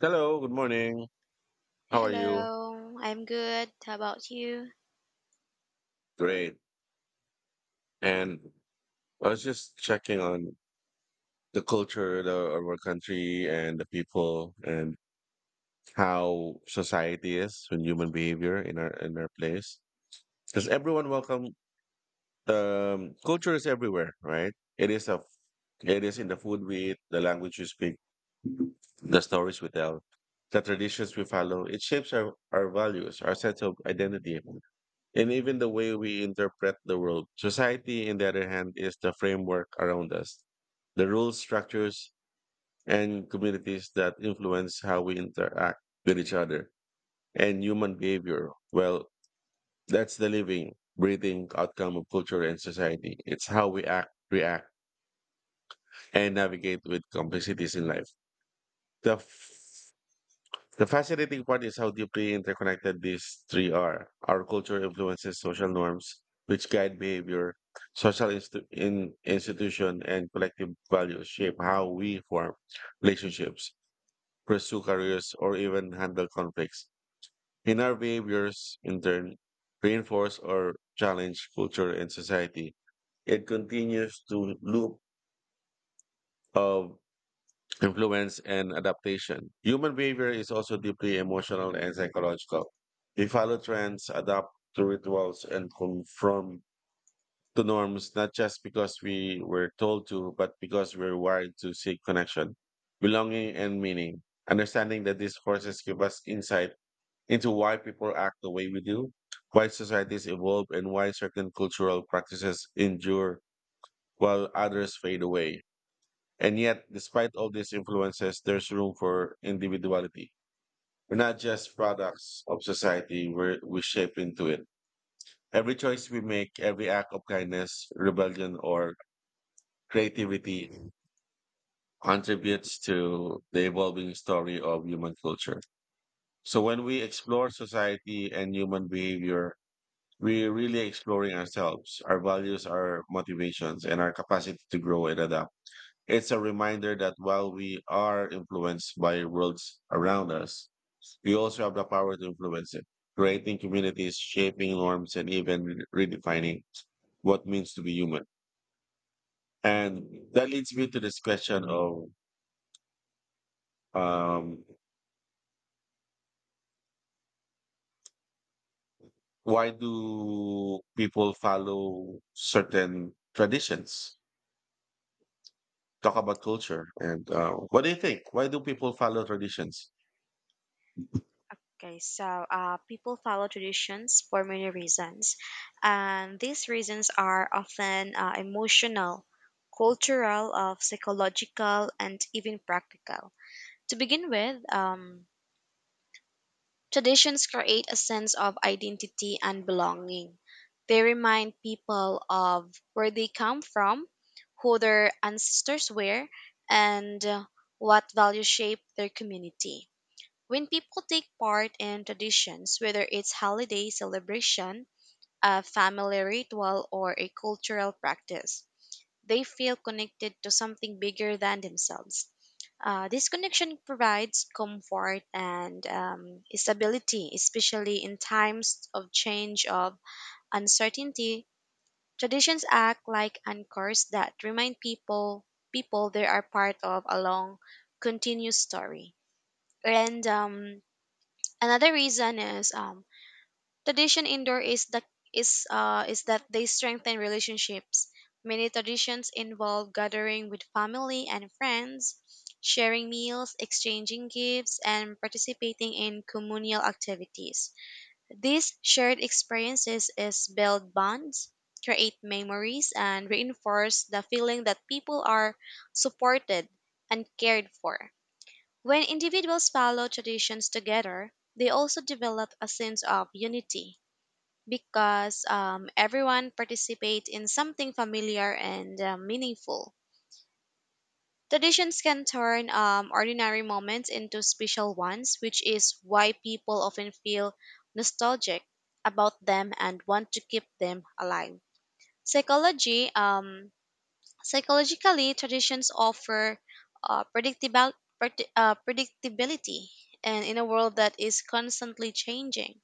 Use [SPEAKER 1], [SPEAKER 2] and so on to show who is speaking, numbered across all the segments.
[SPEAKER 1] Hello, good morning. How are you?
[SPEAKER 2] Hello, I'm good. How about you?
[SPEAKER 1] Great. And I was just checking on of our country and the people, and how society is and human behavior in our place. Because everyone welcome culture is everywhere, right? It is a it is in the food we eat, the language we speak, the stories we tell, the traditions we follow. It shapes our values, our sense of identity. And even the way we interpret the world. Society, on the other hand, is the framework around us, the rules, structures, and communities that influence how we interact with each other and human behavior. Well, that's the living, breathing outcome of culture and society. It's how we act, react, and navigate with complexities in life. The The fascinating part is how deeply interconnected these three are. Our culture influences social norms, which guide behavior, in institution, and collective values shape how we form relationships, pursue careers, or even handle conflicts. In our behaviors, in turn, reinforce or challenge culture and society. It continues to loop of influence, and adaptation. Human behavior is also deeply emotional and psychological. We follow trends, adapt to rituals, and conform to norms, not just because we were told to, but because we're wired to seek connection, belonging, and meaning. Understanding that these forces give us insight into why people act the way we do, why societies evolve, and why certain cultural practices endure while others fade away. And yet, despite all these influences, there's room for individuality. We're not just products of society, we shape into it. Every choice we make, every act of kindness, rebellion, or creativity contributes to the evolving story of human culture. So when we explore society and human behavior, we're really exploring ourselves, our values, our motivations, and our capacity to grow and adapt. It's a reminder that while we are influenced by worlds around us, we also have the power to influence it, creating communities, shaping norms, and even redefining what means to be human. And that leads me to this question of um, why do people follow certain traditions? Talk about culture. And what do you think? Why do people follow traditions?
[SPEAKER 2] Okay, so people follow traditions for many reasons, and these reasons are often emotional, cultural, psychological, and even practical. To begin with, traditions create a sense of identity and belonging. They remind people of where they come from, who their ancestors were, and what values shape their community. When people take part in traditions, whether it's holiday celebration, a family ritual, or a cultural practice, they feel connected to something bigger than themselves. This connection provides comfort and stability, especially in times of change of uncertainty. Traditions act like anchors that remind people they are part of a long, continuous story. And Another reason is tradition indoor is the is that they strengthen relationships. Many traditions involve gathering with family and friends, sharing meals, exchanging gifts, and participating in communal activities. These shared experiences is build bonds, create memories, and reinforce the feeling that people are supported and cared for. When individuals follow traditions together, they also develop a sense of unity because everyone participates in something familiar and meaningful. Traditions can turn ordinary moments into special ones, which is why people often feel nostalgic about them and want to keep them alive. Psychology Psychologically, traditions offer uh, predictable, predictability, and in a world that is constantly changing,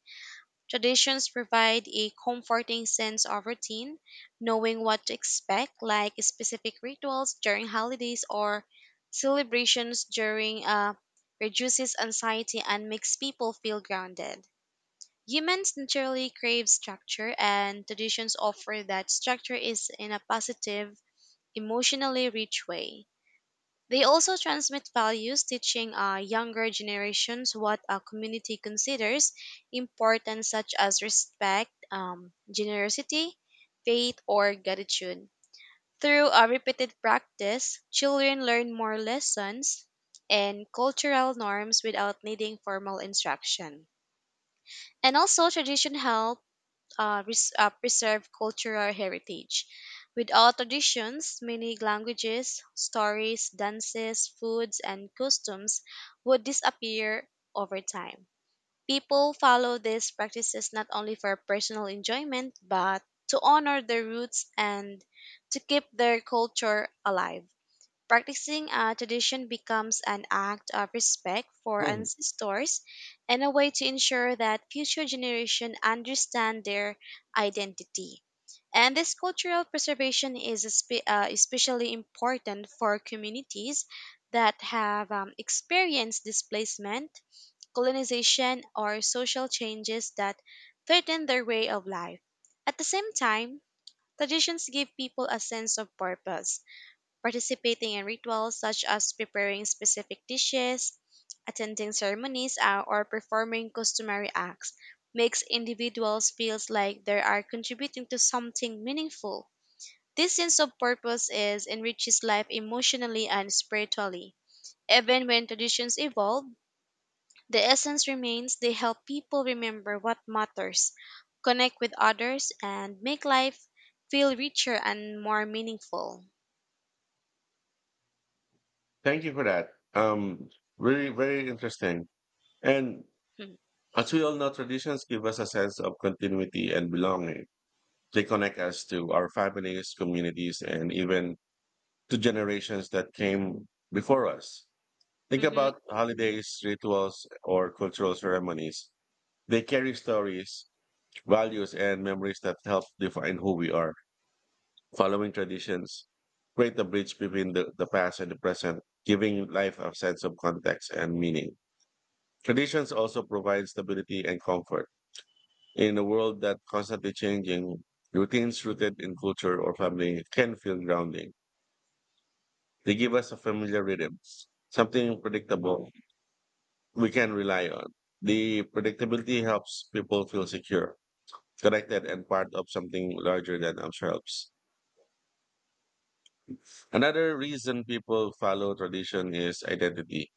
[SPEAKER 2] traditions provide a comforting sense of routine, knowing what to expect, like specific rituals during holidays or celebrations during reduces anxiety and makes people feel grounded. Humans naturally crave structure, and traditions offer that structure is in a positive emotionally rich way. They also transmit values, teaching younger generations what a community considers important, such as respect, generosity, faith, or gratitude. Through a repeated practice, children learn more lessons and cultural norms without needing formal instruction. And also, tradition helps preserve cultural heritage. Without traditions, many languages, stories, dances, foods, and costumes would disappear over time. People follow these practices not only for personal enjoyment, but to honor their roots and to keep their culture alive. Practicing a tradition becomes an act of respect for
[SPEAKER 1] Mhm.
[SPEAKER 2] ancestors and a way to ensure that future generations understand their identity. And this cultural preservation is especially important for communities that have experienced displacement, colonization, or social changes that threaten their way of life. At the same time, traditions give people a sense of purpose participating in rituals such as preparing specific dishes, attending ceremonies, or performing customary acts makes individuals feel like they are contributing to something meaningful. This sense of purpose is enriches life emotionally and spiritually. Even when traditions evolve, the essence remains. They help people remember what matters, connect with others, and make life feel richer and more meaningful.
[SPEAKER 1] Thank you for that. Um, very, very interesting. And as we all know, traditions give us a sense of continuity and belonging. They connect us to our families, communities, and even to generations that came before us. Think about holidays, rituals, or cultural ceremonies. They carry stories, values, and memories that help define who we are. Following traditions create a bridge between the past and the present, giving life a sense of context and meaning. Traditions also provide stability and comfort. In a world that's constantly changing, routines rooted in culture or family can feel grounding. They give us a familiar rhythm, something predictable we can rely on. The predictability helps people feel secure, connected, and part of something larger than themselves. Another reason people follow tradition is identity.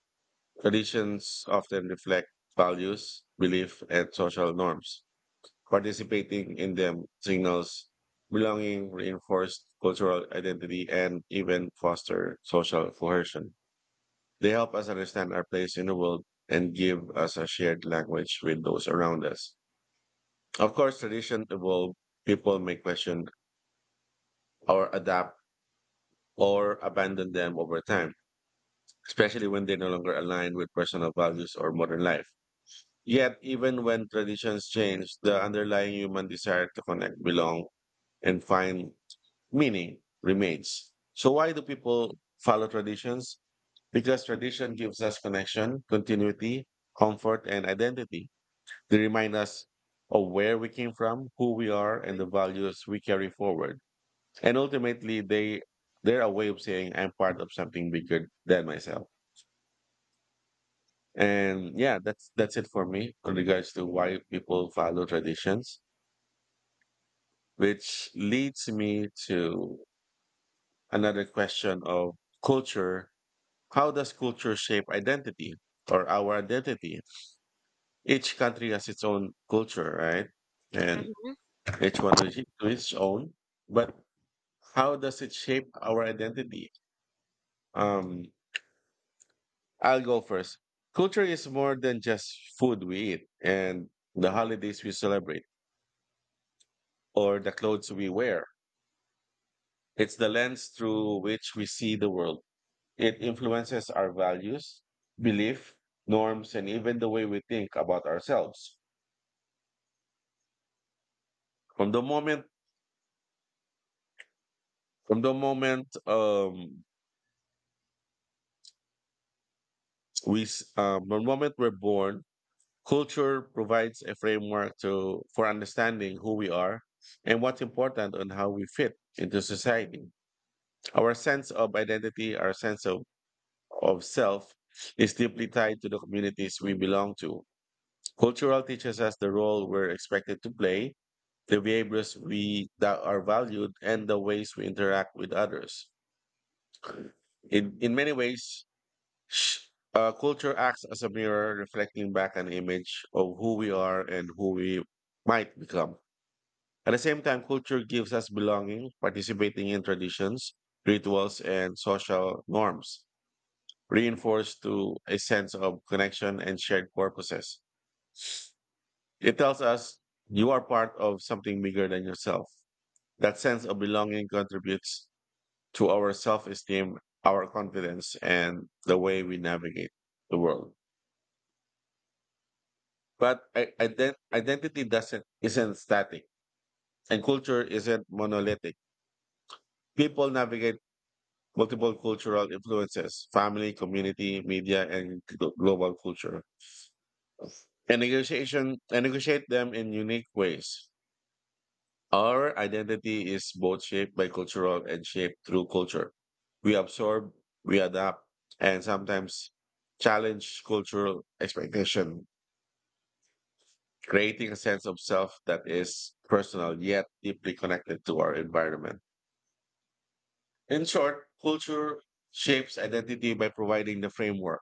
[SPEAKER 1] Traditions often reflect values, belief, and social norms. Participating in them signals belonging, reinforced cultural identity, and even foster social cohesion. They help us understand our place in the world and give us a shared language with those around us. Of course, tradition evolve. People may question or adapt or abandon them over time, especially when they no longer align with personal values or modern life. Yet, even when traditions change, the underlying human desire to connect, belong, and find meaning remains. So why do people follow traditions? Because tradition gives us connection, continuity, comfort, and identity. They remind us of where we came from, who we are, and the
[SPEAKER 2] Mm-hmm.
[SPEAKER 1] values we carry forward. And ultimately, they're a way of saying I'm part of something bigger than myself. And yeah, that's it for me in regards to why people follow traditions, which leads me to another question of culture. How does culture shape identity or our identity? Each country has its own culture, right? And each one is to its own. But how does it shape our identity? Um, I'll go first. Culture is more than just food we eat and the
[SPEAKER 2] Mhm.
[SPEAKER 1] holidays we celebrate or the clothes we wear. It's the lens through which we see the world. It influences our values, belief, norms, and even the way we think about ourselves. From the moment From the moment we, s- from the moment we're born, culture provides a framework to for understanding who we are and what's important and how we fit into society. Our sense of identity, of self, is deeply tied to the communities we belong to. Cultural teaches us the role we're expected to play, the behaviors we that are valued, and the ways we interact with others in many ways. Sh- culture acts as a mirror reflecting back an image of who we are and who we might become. At the same time, culture gives us belonging, participating in traditions, rituals, and social norms, reinforced to a sense of connection and shared purposes. It tells us you are part of something bigger than yourself. That sense of belonging contributes to our self esteem, our confidence, and the way we navigate the world. But identity doesn't isn't static, and culture isn't monolithic. People navigate multiple cultural influences: family, community, media, and global culture, and negotiation and negotiate them in unique ways. Our identity is both shaped by cultural and shaped through culture. We absorb, we adapt, and sometimes challenge cultural expectation, creating a sense of self that is personal yet deeply connected to our environment. In short, culture shapes identity by providing the framework,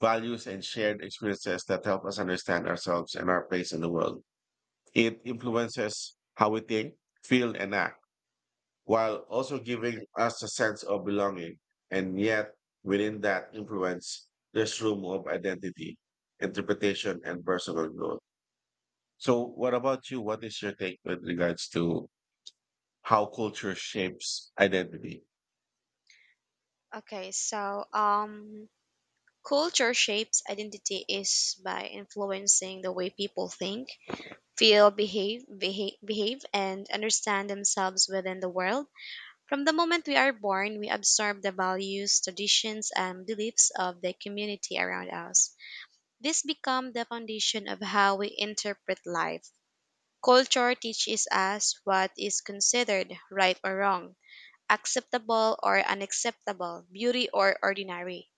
[SPEAKER 1] values, and shared experiences that help us understand ourselves and our place in the world. It influences how we think, feel, and act, while also giving us a sense of belonging. And yet, within that influence, there's room of identity, interpretation, and personal growth. So, what about you? What is your take with regards to how culture shapes identity?
[SPEAKER 2] Okay, so um, Culture shapes identity is by influencing the way people think, feel, behave, and understand themselves within the world. From the moment we are born, we absorb the values, traditions, and beliefs of the community around us. This becomes the foundation of how we interpret life. Culture teaches us what is considered right or wrong, acceptable or unacceptable, beauty or ordinary.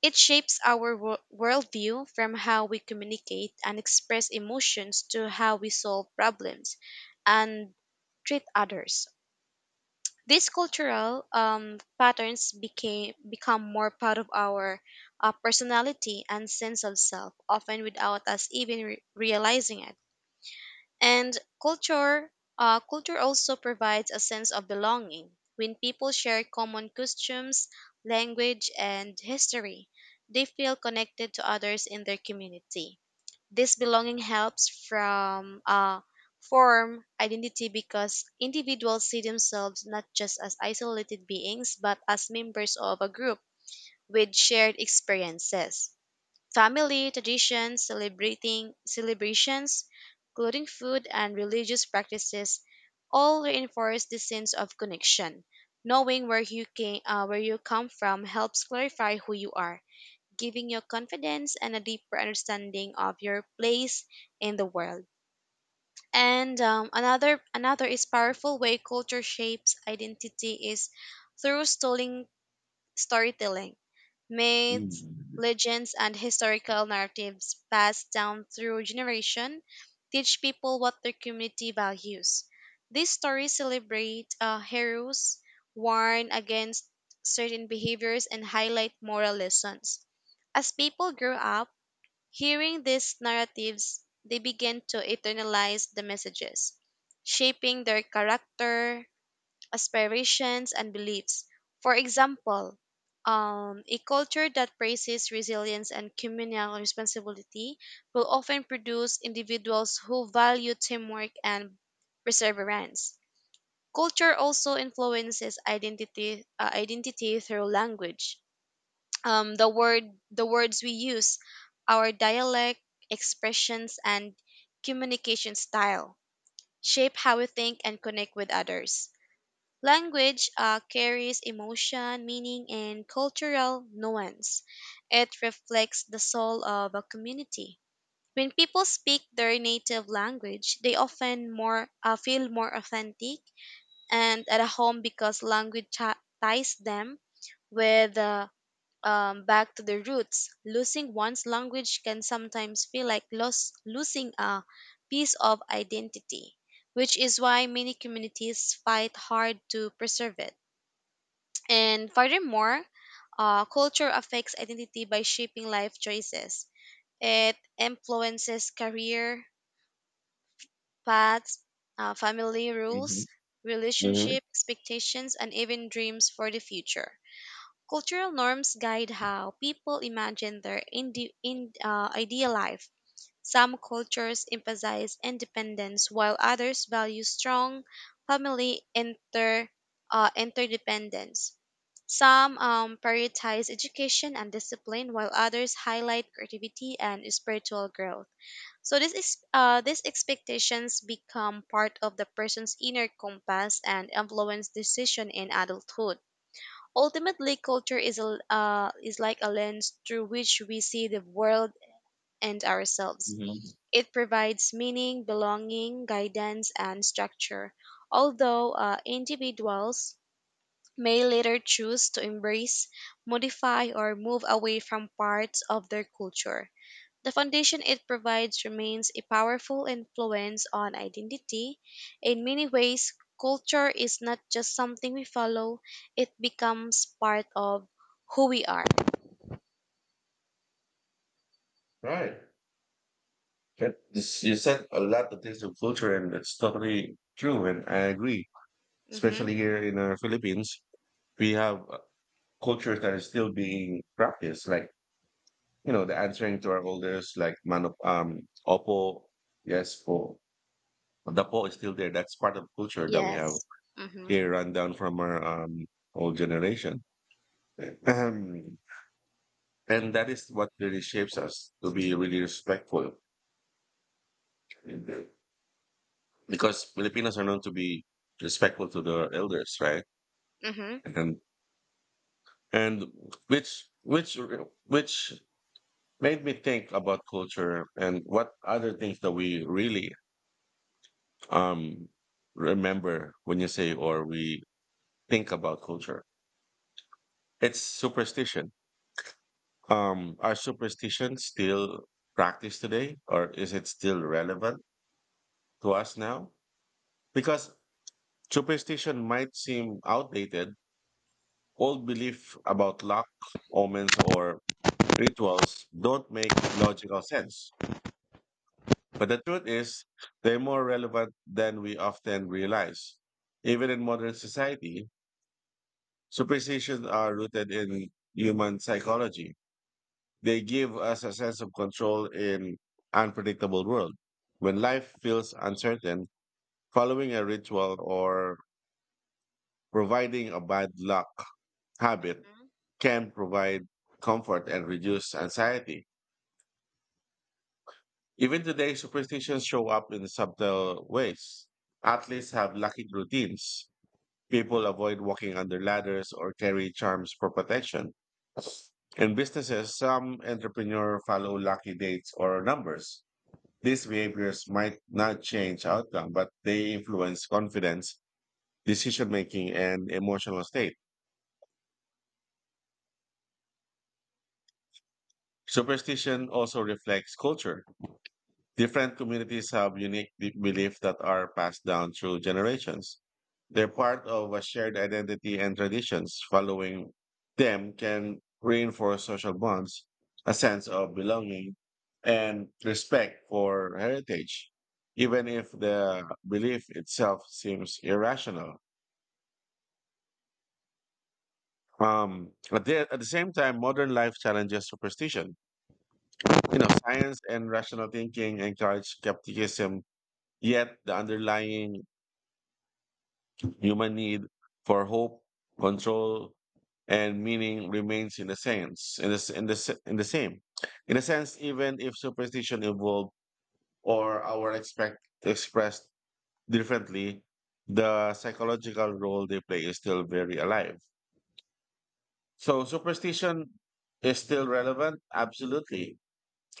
[SPEAKER 2] It shapes our worldview from how we communicate and express emotions to how we solve problems and treat others. These cultural patterns became become more part of our personality and sense of self, often without us even realizing it. And culture, culture also provides a sense of belonging. When people share common customs, language, and history, they feel connected to others in their community. This belonging helps from form identity because individuals see themselves not just as isolated beings but as members of a group with shared experiences. Family traditions, celebrating celebrations, including food, and religious practices all reinforce the sense of connection. Knowing where you where you come from helps clarify who you are, giving you confidence and a deeper understanding of your place in the world. And another Another is powerful way culture shapes identity is through storing storytelling, myths,
[SPEAKER 1] Mm-hmm.
[SPEAKER 2] legends, and historical narratives passed down through generation teach people what their community values. These stories celebrate heroes, warn against certain behaviors, and highlight moral lessons. As people grow up, hearing these narratives, they begin to internalize the messages, shaping their character, aspirations, and beliefs. For example, a culture that praises resilience and communal responsibility will often produce individuals who value teamwork and perseverance. Culture also identity through language. Um, the word, the words we use, our dialect, expressions, and communication style shape how we think and connect with others. Language carries emotion, meaning, and cultural nuance. It reflects the soul of a community. When people speak their native language, they often more feel more authentic and at a home because ties them with back to their roots. Losing one's language can sometimes feel like loss, losing a piece of identity, which is why many communities fight hard to preserve it. And furthermore, culture affects identity by shaping life choices. It influences career paths, family
[SPEAKER 1] Mm-hmm.
[SPEAKER 2] rules, relationship expectations, and even dreams for the future. Cultural norms guide how people imagine their ideal life. Some cultures emphasize independence, while others value strong family inter, interdependence. Some prioritize education and discipline, while others highlight creativity and spiritual growth. So this is These expectations become part of the person's inner compass and influence decision in adulthood. Ultimately, culture is like a lens through which we see the world and ourselves.
[SPEAKER 1] Hmm.
[SPEAKER 2] It provides meaning, belonging, guidance, and structure. Although individuals may later choose to embrace, modify, or move away from parts of their culture. The foundation it provides remains a powerful influence on identity. In many ways, culture is not just something we follow, it becomes part of who we are.
[SPEAKER 1] Right. You said a lot of things of culture, and it's totally true. And I agree,
[SPEAKER 2] Mm-hmm.
[SPEAKER 1] especially here in our Philippines, we have cultures that are still being practiced, like you know, the answering to our elders, like man, opo, yes, po, the po is still there. That's part of culture that we have
[SPEAKER 2] Yes. Mm-hmm.
[SPEAKER 1] here, run down from our old generation. And that is what really shapes us to be really respectful because Filipinos are known to be respectful to their elders, right?
[SPEAKER 2] Mm-hmm.
[SPEAKER 1] And and which which which made me think about culture and what other things that we really um remember when you say or we think about culture. It's superstition. Are superstitions still practiced today, or is it still relevant to us now? Because superstition might seem outdated. Old belief about luck, omens, or rituals don't make logical sense. But the truth is, they're more relevant than we often realize. Even in modern society, superstitions are rooted in human psychology. They give us a sense of control in unpredictable world. When life feels uncertain, following a ritual or providing a bad luck habit
[SPEAKER 2] Mm-hmm.
[SPEAKER 1] can provide comfort and reduce anxiety. Even today, superstitions show up in subtle ways. Athletes have lucky routines. People avoid walking under ladders or carry charms for protection. In businesses, some entrepreneurs follow lucky dates or numbers. These behaviors might not change outcome, but they influence confidence, decision making, and emotional state. Superstition also reflects culture. Different communities have unique deep beliefs that are passed down through generations. They're part of a shared identity and traditions. Following them can reinforce social bonds, a sense of belonging, and respect for heritage, even if the belief itself seems irrational. But there, at the same time, modern life challenges superstition. You know, science and rational thinking encourage skepticism, yet the underlying human need for hope, control, and meaning remains in the sense, in the, s- in the, s- in the same. In a
[SPEAKER 2] Mm-hmm.
[SPEAKER 1] sense, even if superstition evolved or our expect expressed differently, the psychological role they play is still very alive. So superstition is still relevant, absolutely,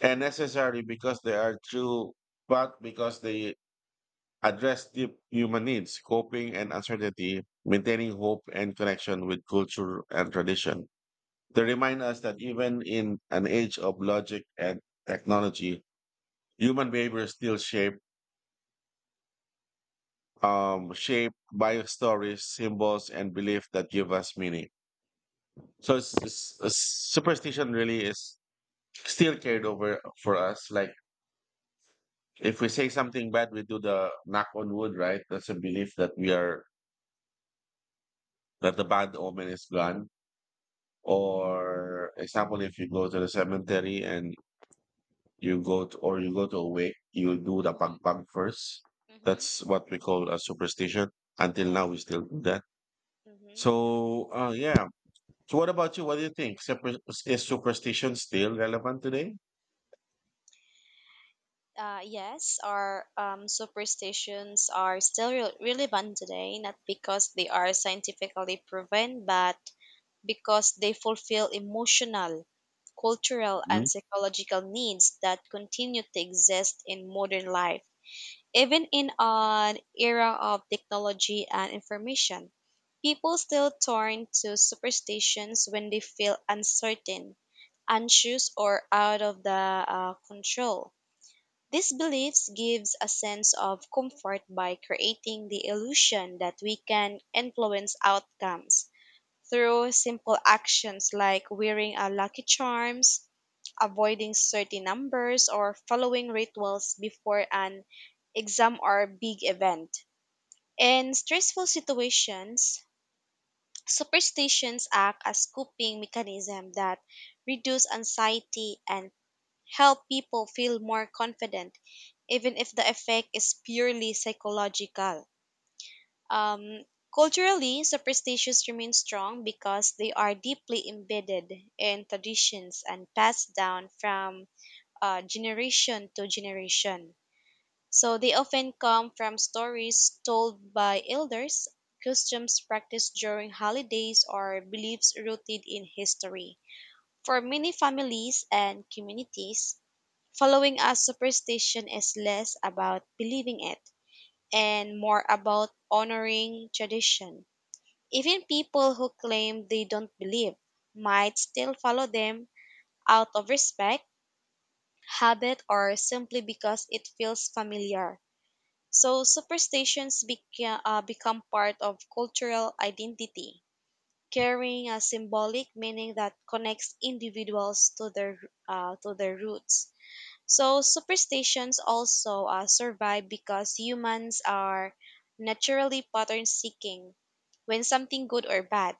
[SPEAKER 1] and necessary because they are true, but because they address deep human needs, coping and uncertainty, maintaining hope and connection with culture and tradition. They remind us that even in an age of logic and technology, human behavior is still shaped by stories, symbols, and belief that give us meaning. So superstition really is still carried over for us. Like if we say something bad, we do the knock on wood, right? That's a belief that we are that the bad omen is gone. Or example, if you go to the cemetery and you go to a wake, you do the
[SPEAKER 2] Mm-hmm.
[SPEAKER 1] pagpag first.
[SPEAKER 2] Mm-hmm.
[SPEAKER 1] That's what we call a superstition. Until now, we
[SPEAKER 2] Yes.
[SPEAKER 1] still do that.
[SPEAKER 2] Mm-hmm.
[SPEAKER 1] So, yeah. So, what about you? What do you think? Is superstition still relevant today?
[SPEAKER 2] Yes, our superstitions are still relevant today, not because they are scientifically proven, but because they fulfill emotional, cultural, and
[SPEAKER 1] Hmm.
[SPEAKER 2] psychological needs that continue to exist in modern life. Even in an era of technology and information, people still turn to superstitions when they feel uncertain, anxious, or out of the control these beliefs gives a sense of comfort by creating the illusion that we can influence outcomes through simple actions like wearing a lucky charms, avoiding certain numbers or following rituals before an exam or big event. In stressful situations, superstitions act as coping mechanism that reduce anxiety and help people feel more confident even if the effect is purely psychological. Um, Culturally, superstitions remain strong because they are deeply embedded in traditions and passed down from generation to generation. So they often come from stories told by elders, customs practiced during holidays, or beliefs rooted in history. For many families and communities, following a superstition is less about believing it and more about honoring tradition. Even people who claim they don't believe might still follow them out of respect, habit, or simply because it feels familiar. So, become part of cultural identity, carrying a symbolic meaning that connects individuals to to their roots. So superstitions also survive because humans are naturally pattern seeking. When something good or bad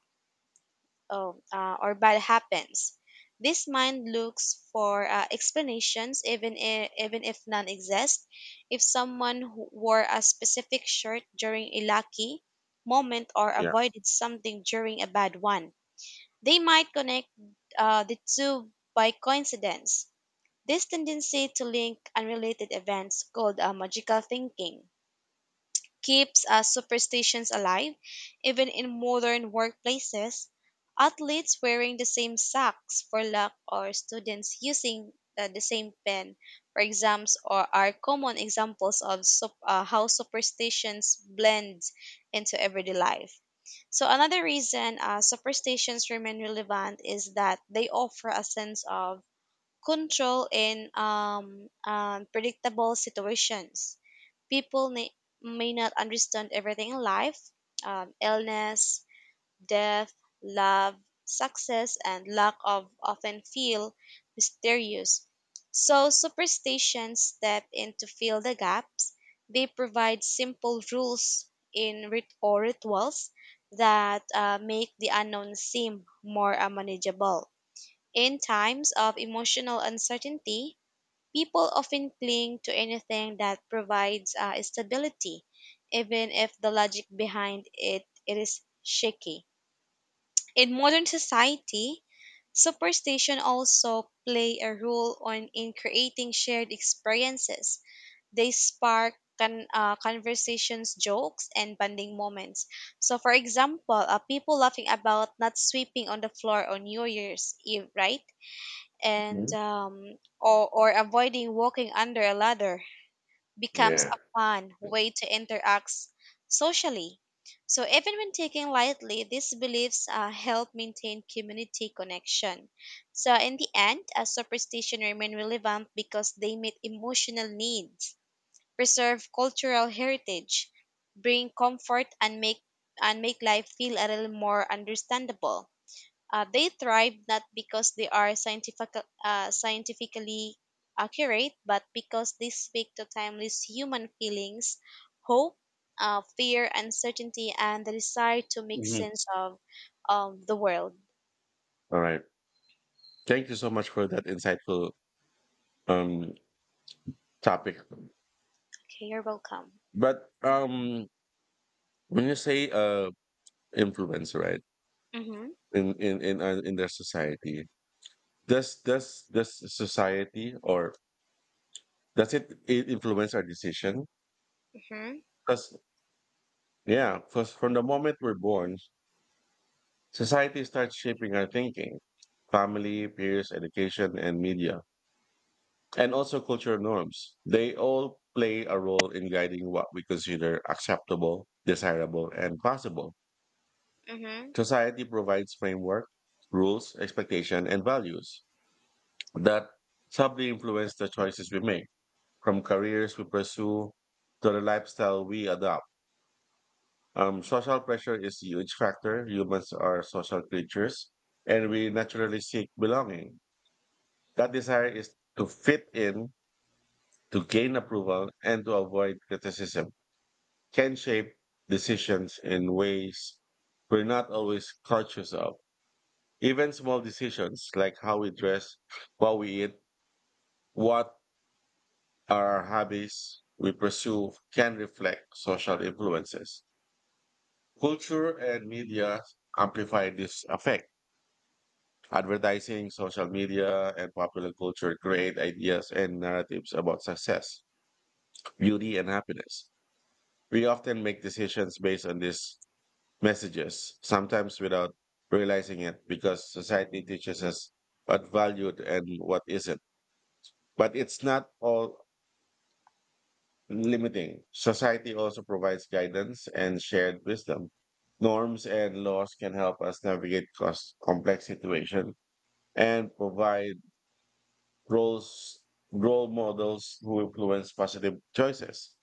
[SPEAKER 2] oh, uh, or bad happens, this mind looks for explanations, even if none exist. If someone who wore a specific shirt during a lucky moment or
[SPEAKER 1] Yeah.
[SPEAKER 2] avoided something during a bad one, they might connect the two by coincidence this tendency to link unrelated events, called magical thinking, keeps superstitions alive even in modern workplaces. Athletes wearing the same socks for luck or students using the same pen for exams or are common examples of how superstitions blend into everyday life. So another reason superstitions remain relevant is that they offer a sense of control in predictable situations. People may, may not understand everything in life illness, death, love, success, and lack of often feel mysterious. So, superstitions step in to fill the gaps. They provide simple rules in rit- or rituals that make the unknown seem more manageable. In times of emotional uncertainty, people often cling to anything that provides stability, even if the logic behind it is shaky. In modern society, superstition also play a role on in creating shared experiences. They spark conversations, jokes, and bonding moments. So, for example, people laughing about not sweeping on the floor on New Year's Eve, right? and
[SPEAKER 1] Mhm.
[SPEAKER 2] or, avoiding walking under a ladder becomes
[SPEAKER 1] Yeah.
[SPEAKER 2] a fun way to interact socially. So even when taken lightly, these beliefs help maintain community connection. So in the end, a superstition remain relevant because they meet emotional needs, preserve cultural heritage, bring comfort, and make life feel a little more understandable. They thrive not because they are scientifically accurate, but because they speak to timeless human feelings, hope, fear, uncertainty, and the desire to make
[SPEAKER 1] Mhm.
[SPEAKER 2] sense of the world.
[SPEAKER 1] All right. Thank you so much for that insightful um topic.
[SPEAKER 2] Okay, you're welcome.
[SPEAKER 1] But when you say influence, right?
[SPEAKER 2] Mm-hmm,
[SPEAKER 1] In in their society. Does society or it influence our decision?
[SPEAKER 2] mm-hmm,
[SPEAKER 1] Because yeah, because from the moment we're born, society starts shaping our thinking. Family, peers, education, and media, and also cultural norms. They all play a role in guiding what we consider acceptable, desirable, and possible.
[SPEAKER 2] mm-hmm,
[SPEAKER 1] Society provides framework, rules, expectation, and values that subtly influence the choices we make from careers we pursue to the lifestyle we adopt. Social pressure is a huge factor. Humans are social creatures and we naturally seek belonging. That desire is to fit in, to gain approval, and to avoid criticism, can shape decisions in ways we're not always conscious of. Even small decisions like how we dress, what we eat, what are our hobbies we pursue can reflect social influences. Culture and media amplify this effect. Advertising, social media, and popular culture create ideas and narratives about success, beauty, and happiness. We often make decisions based on these messages, sometimes without realizing it, because society teaches us what valued and what isn't. But it's not all limiting. Society also provides guidance and shared wisdom norms and laws can help us navigate cost complex situations and provide roles role models who influence positive choices.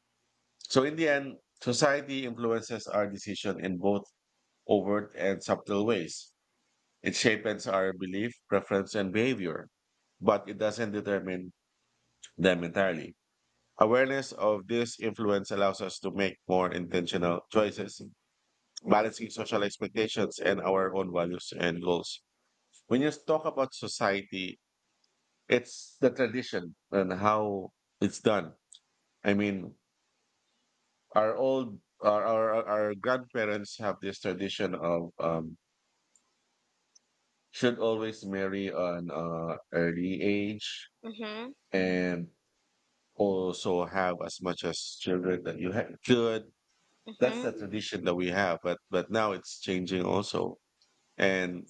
[SPEAKER 1] So in the end, society influences our decision in both overt and subtle ways. It shapes our belief, preference, and behavior, but it doesn't determine them entirely. Awareness of this influence allows us to make more intentional choices, balancing social expectations and our own values and goals. When you talk about society it's the tradition and how it's done. I mean, our grandparents have this tradition of should always marry on early age
[SPEAKER 2] mm-hmm,
[SPEAKER 1] and also have as much as children that could. That's the
[SPEAKER 2] mm-hmm,
[SPEAKER 1] tradition that we have, but now it's changing also. And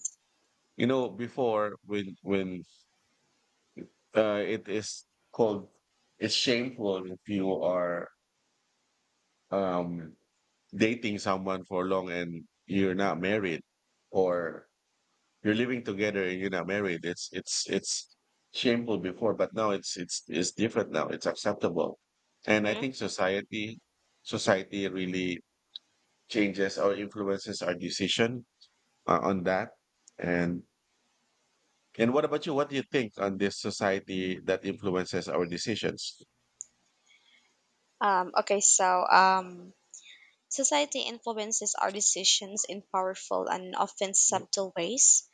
[SPEAKER 1] you know, before when it is called, it's shameful if you are um, dating someone for long and you're not married, or you're living together and you're not married. It's shameful before, but now it's different now. It's acceptable, and I
[SPEAKER 2] mm-hmm.
[SPEAKER 1] think society really changes or influences our decision on that. And what about you? What do you think on this society that influences our decisions?
[SPEAKER 2] Um, okay, so um, Society influences our decisions in powerful and often subtle ways,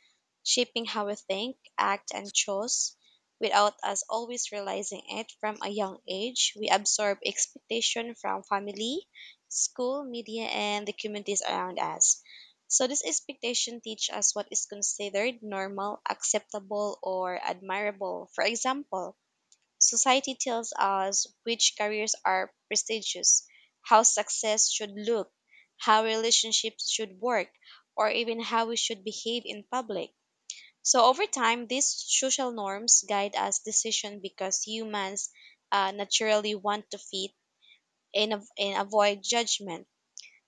[SPEAKER 2] shaping how we think, act, and choose. Without us always realizing it from a young age, we absorb expectation from family, school, media, and the communities around us. So this expectation teach us what is considered normal, acceptable, or admirable. For example, society tells us which careers are prestigious, how success should look, how relationships should work, or even how we should behave in public. So over time, these social norms guide us decision because humans naturally want to fit and avoid judgment.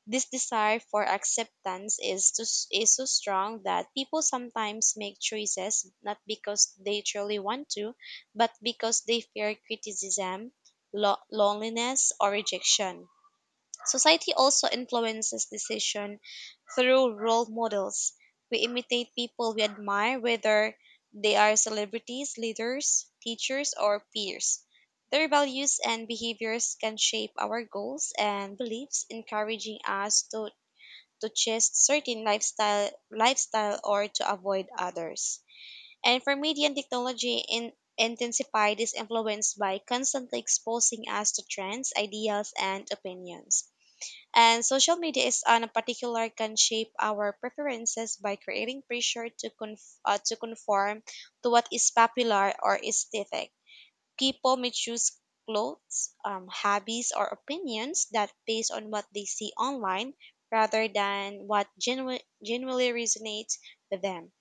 [SPEAKER 2] This desire for acceptance is to, is so strong that people sometimes make choices not because they truly want to, but because they fear criticism, loneliness, or rejection. Society also influences decision through role models. We imitate people we admire, whether they are celebrities, leaders, teachers, or peers. Their values and behaviors can shape our goals and beliefs, encouraging to chase certain lifestyle or to avoid others. And for media and technology in intensified is influenced by constantly exposing us to trends, ideas, and opinions. And social media is on a particular can shape our preferences by creating pressure to conform to what is popular or aesthetic. People may choose clothes, hobbies, or opinions that based on what they see online rather than what genuinely resonates with them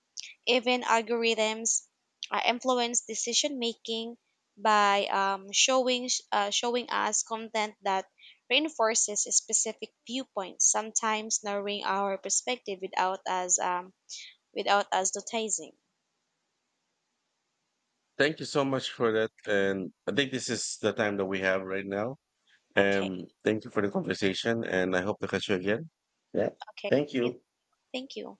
[SPEAKER 2] even algorithms influence decision making by showing us content that reinforces specific viewpoints, sometimes narrowing our perspective without us without us noticing.
[SPEAKER 1] Thank you so much for that. And I think this is the time that we have right now.
[SPEAKER 2] Okay,
[SPEAKER 1] Thank you for the conversation, and I hope to catch you again. Yeah,
[SPEAKER 2] okay,
[SPEAKER 1] thank
[SPEAKER 2] okay.
[SPEAKER 1] you.
[SPEAKER 2] Thank you.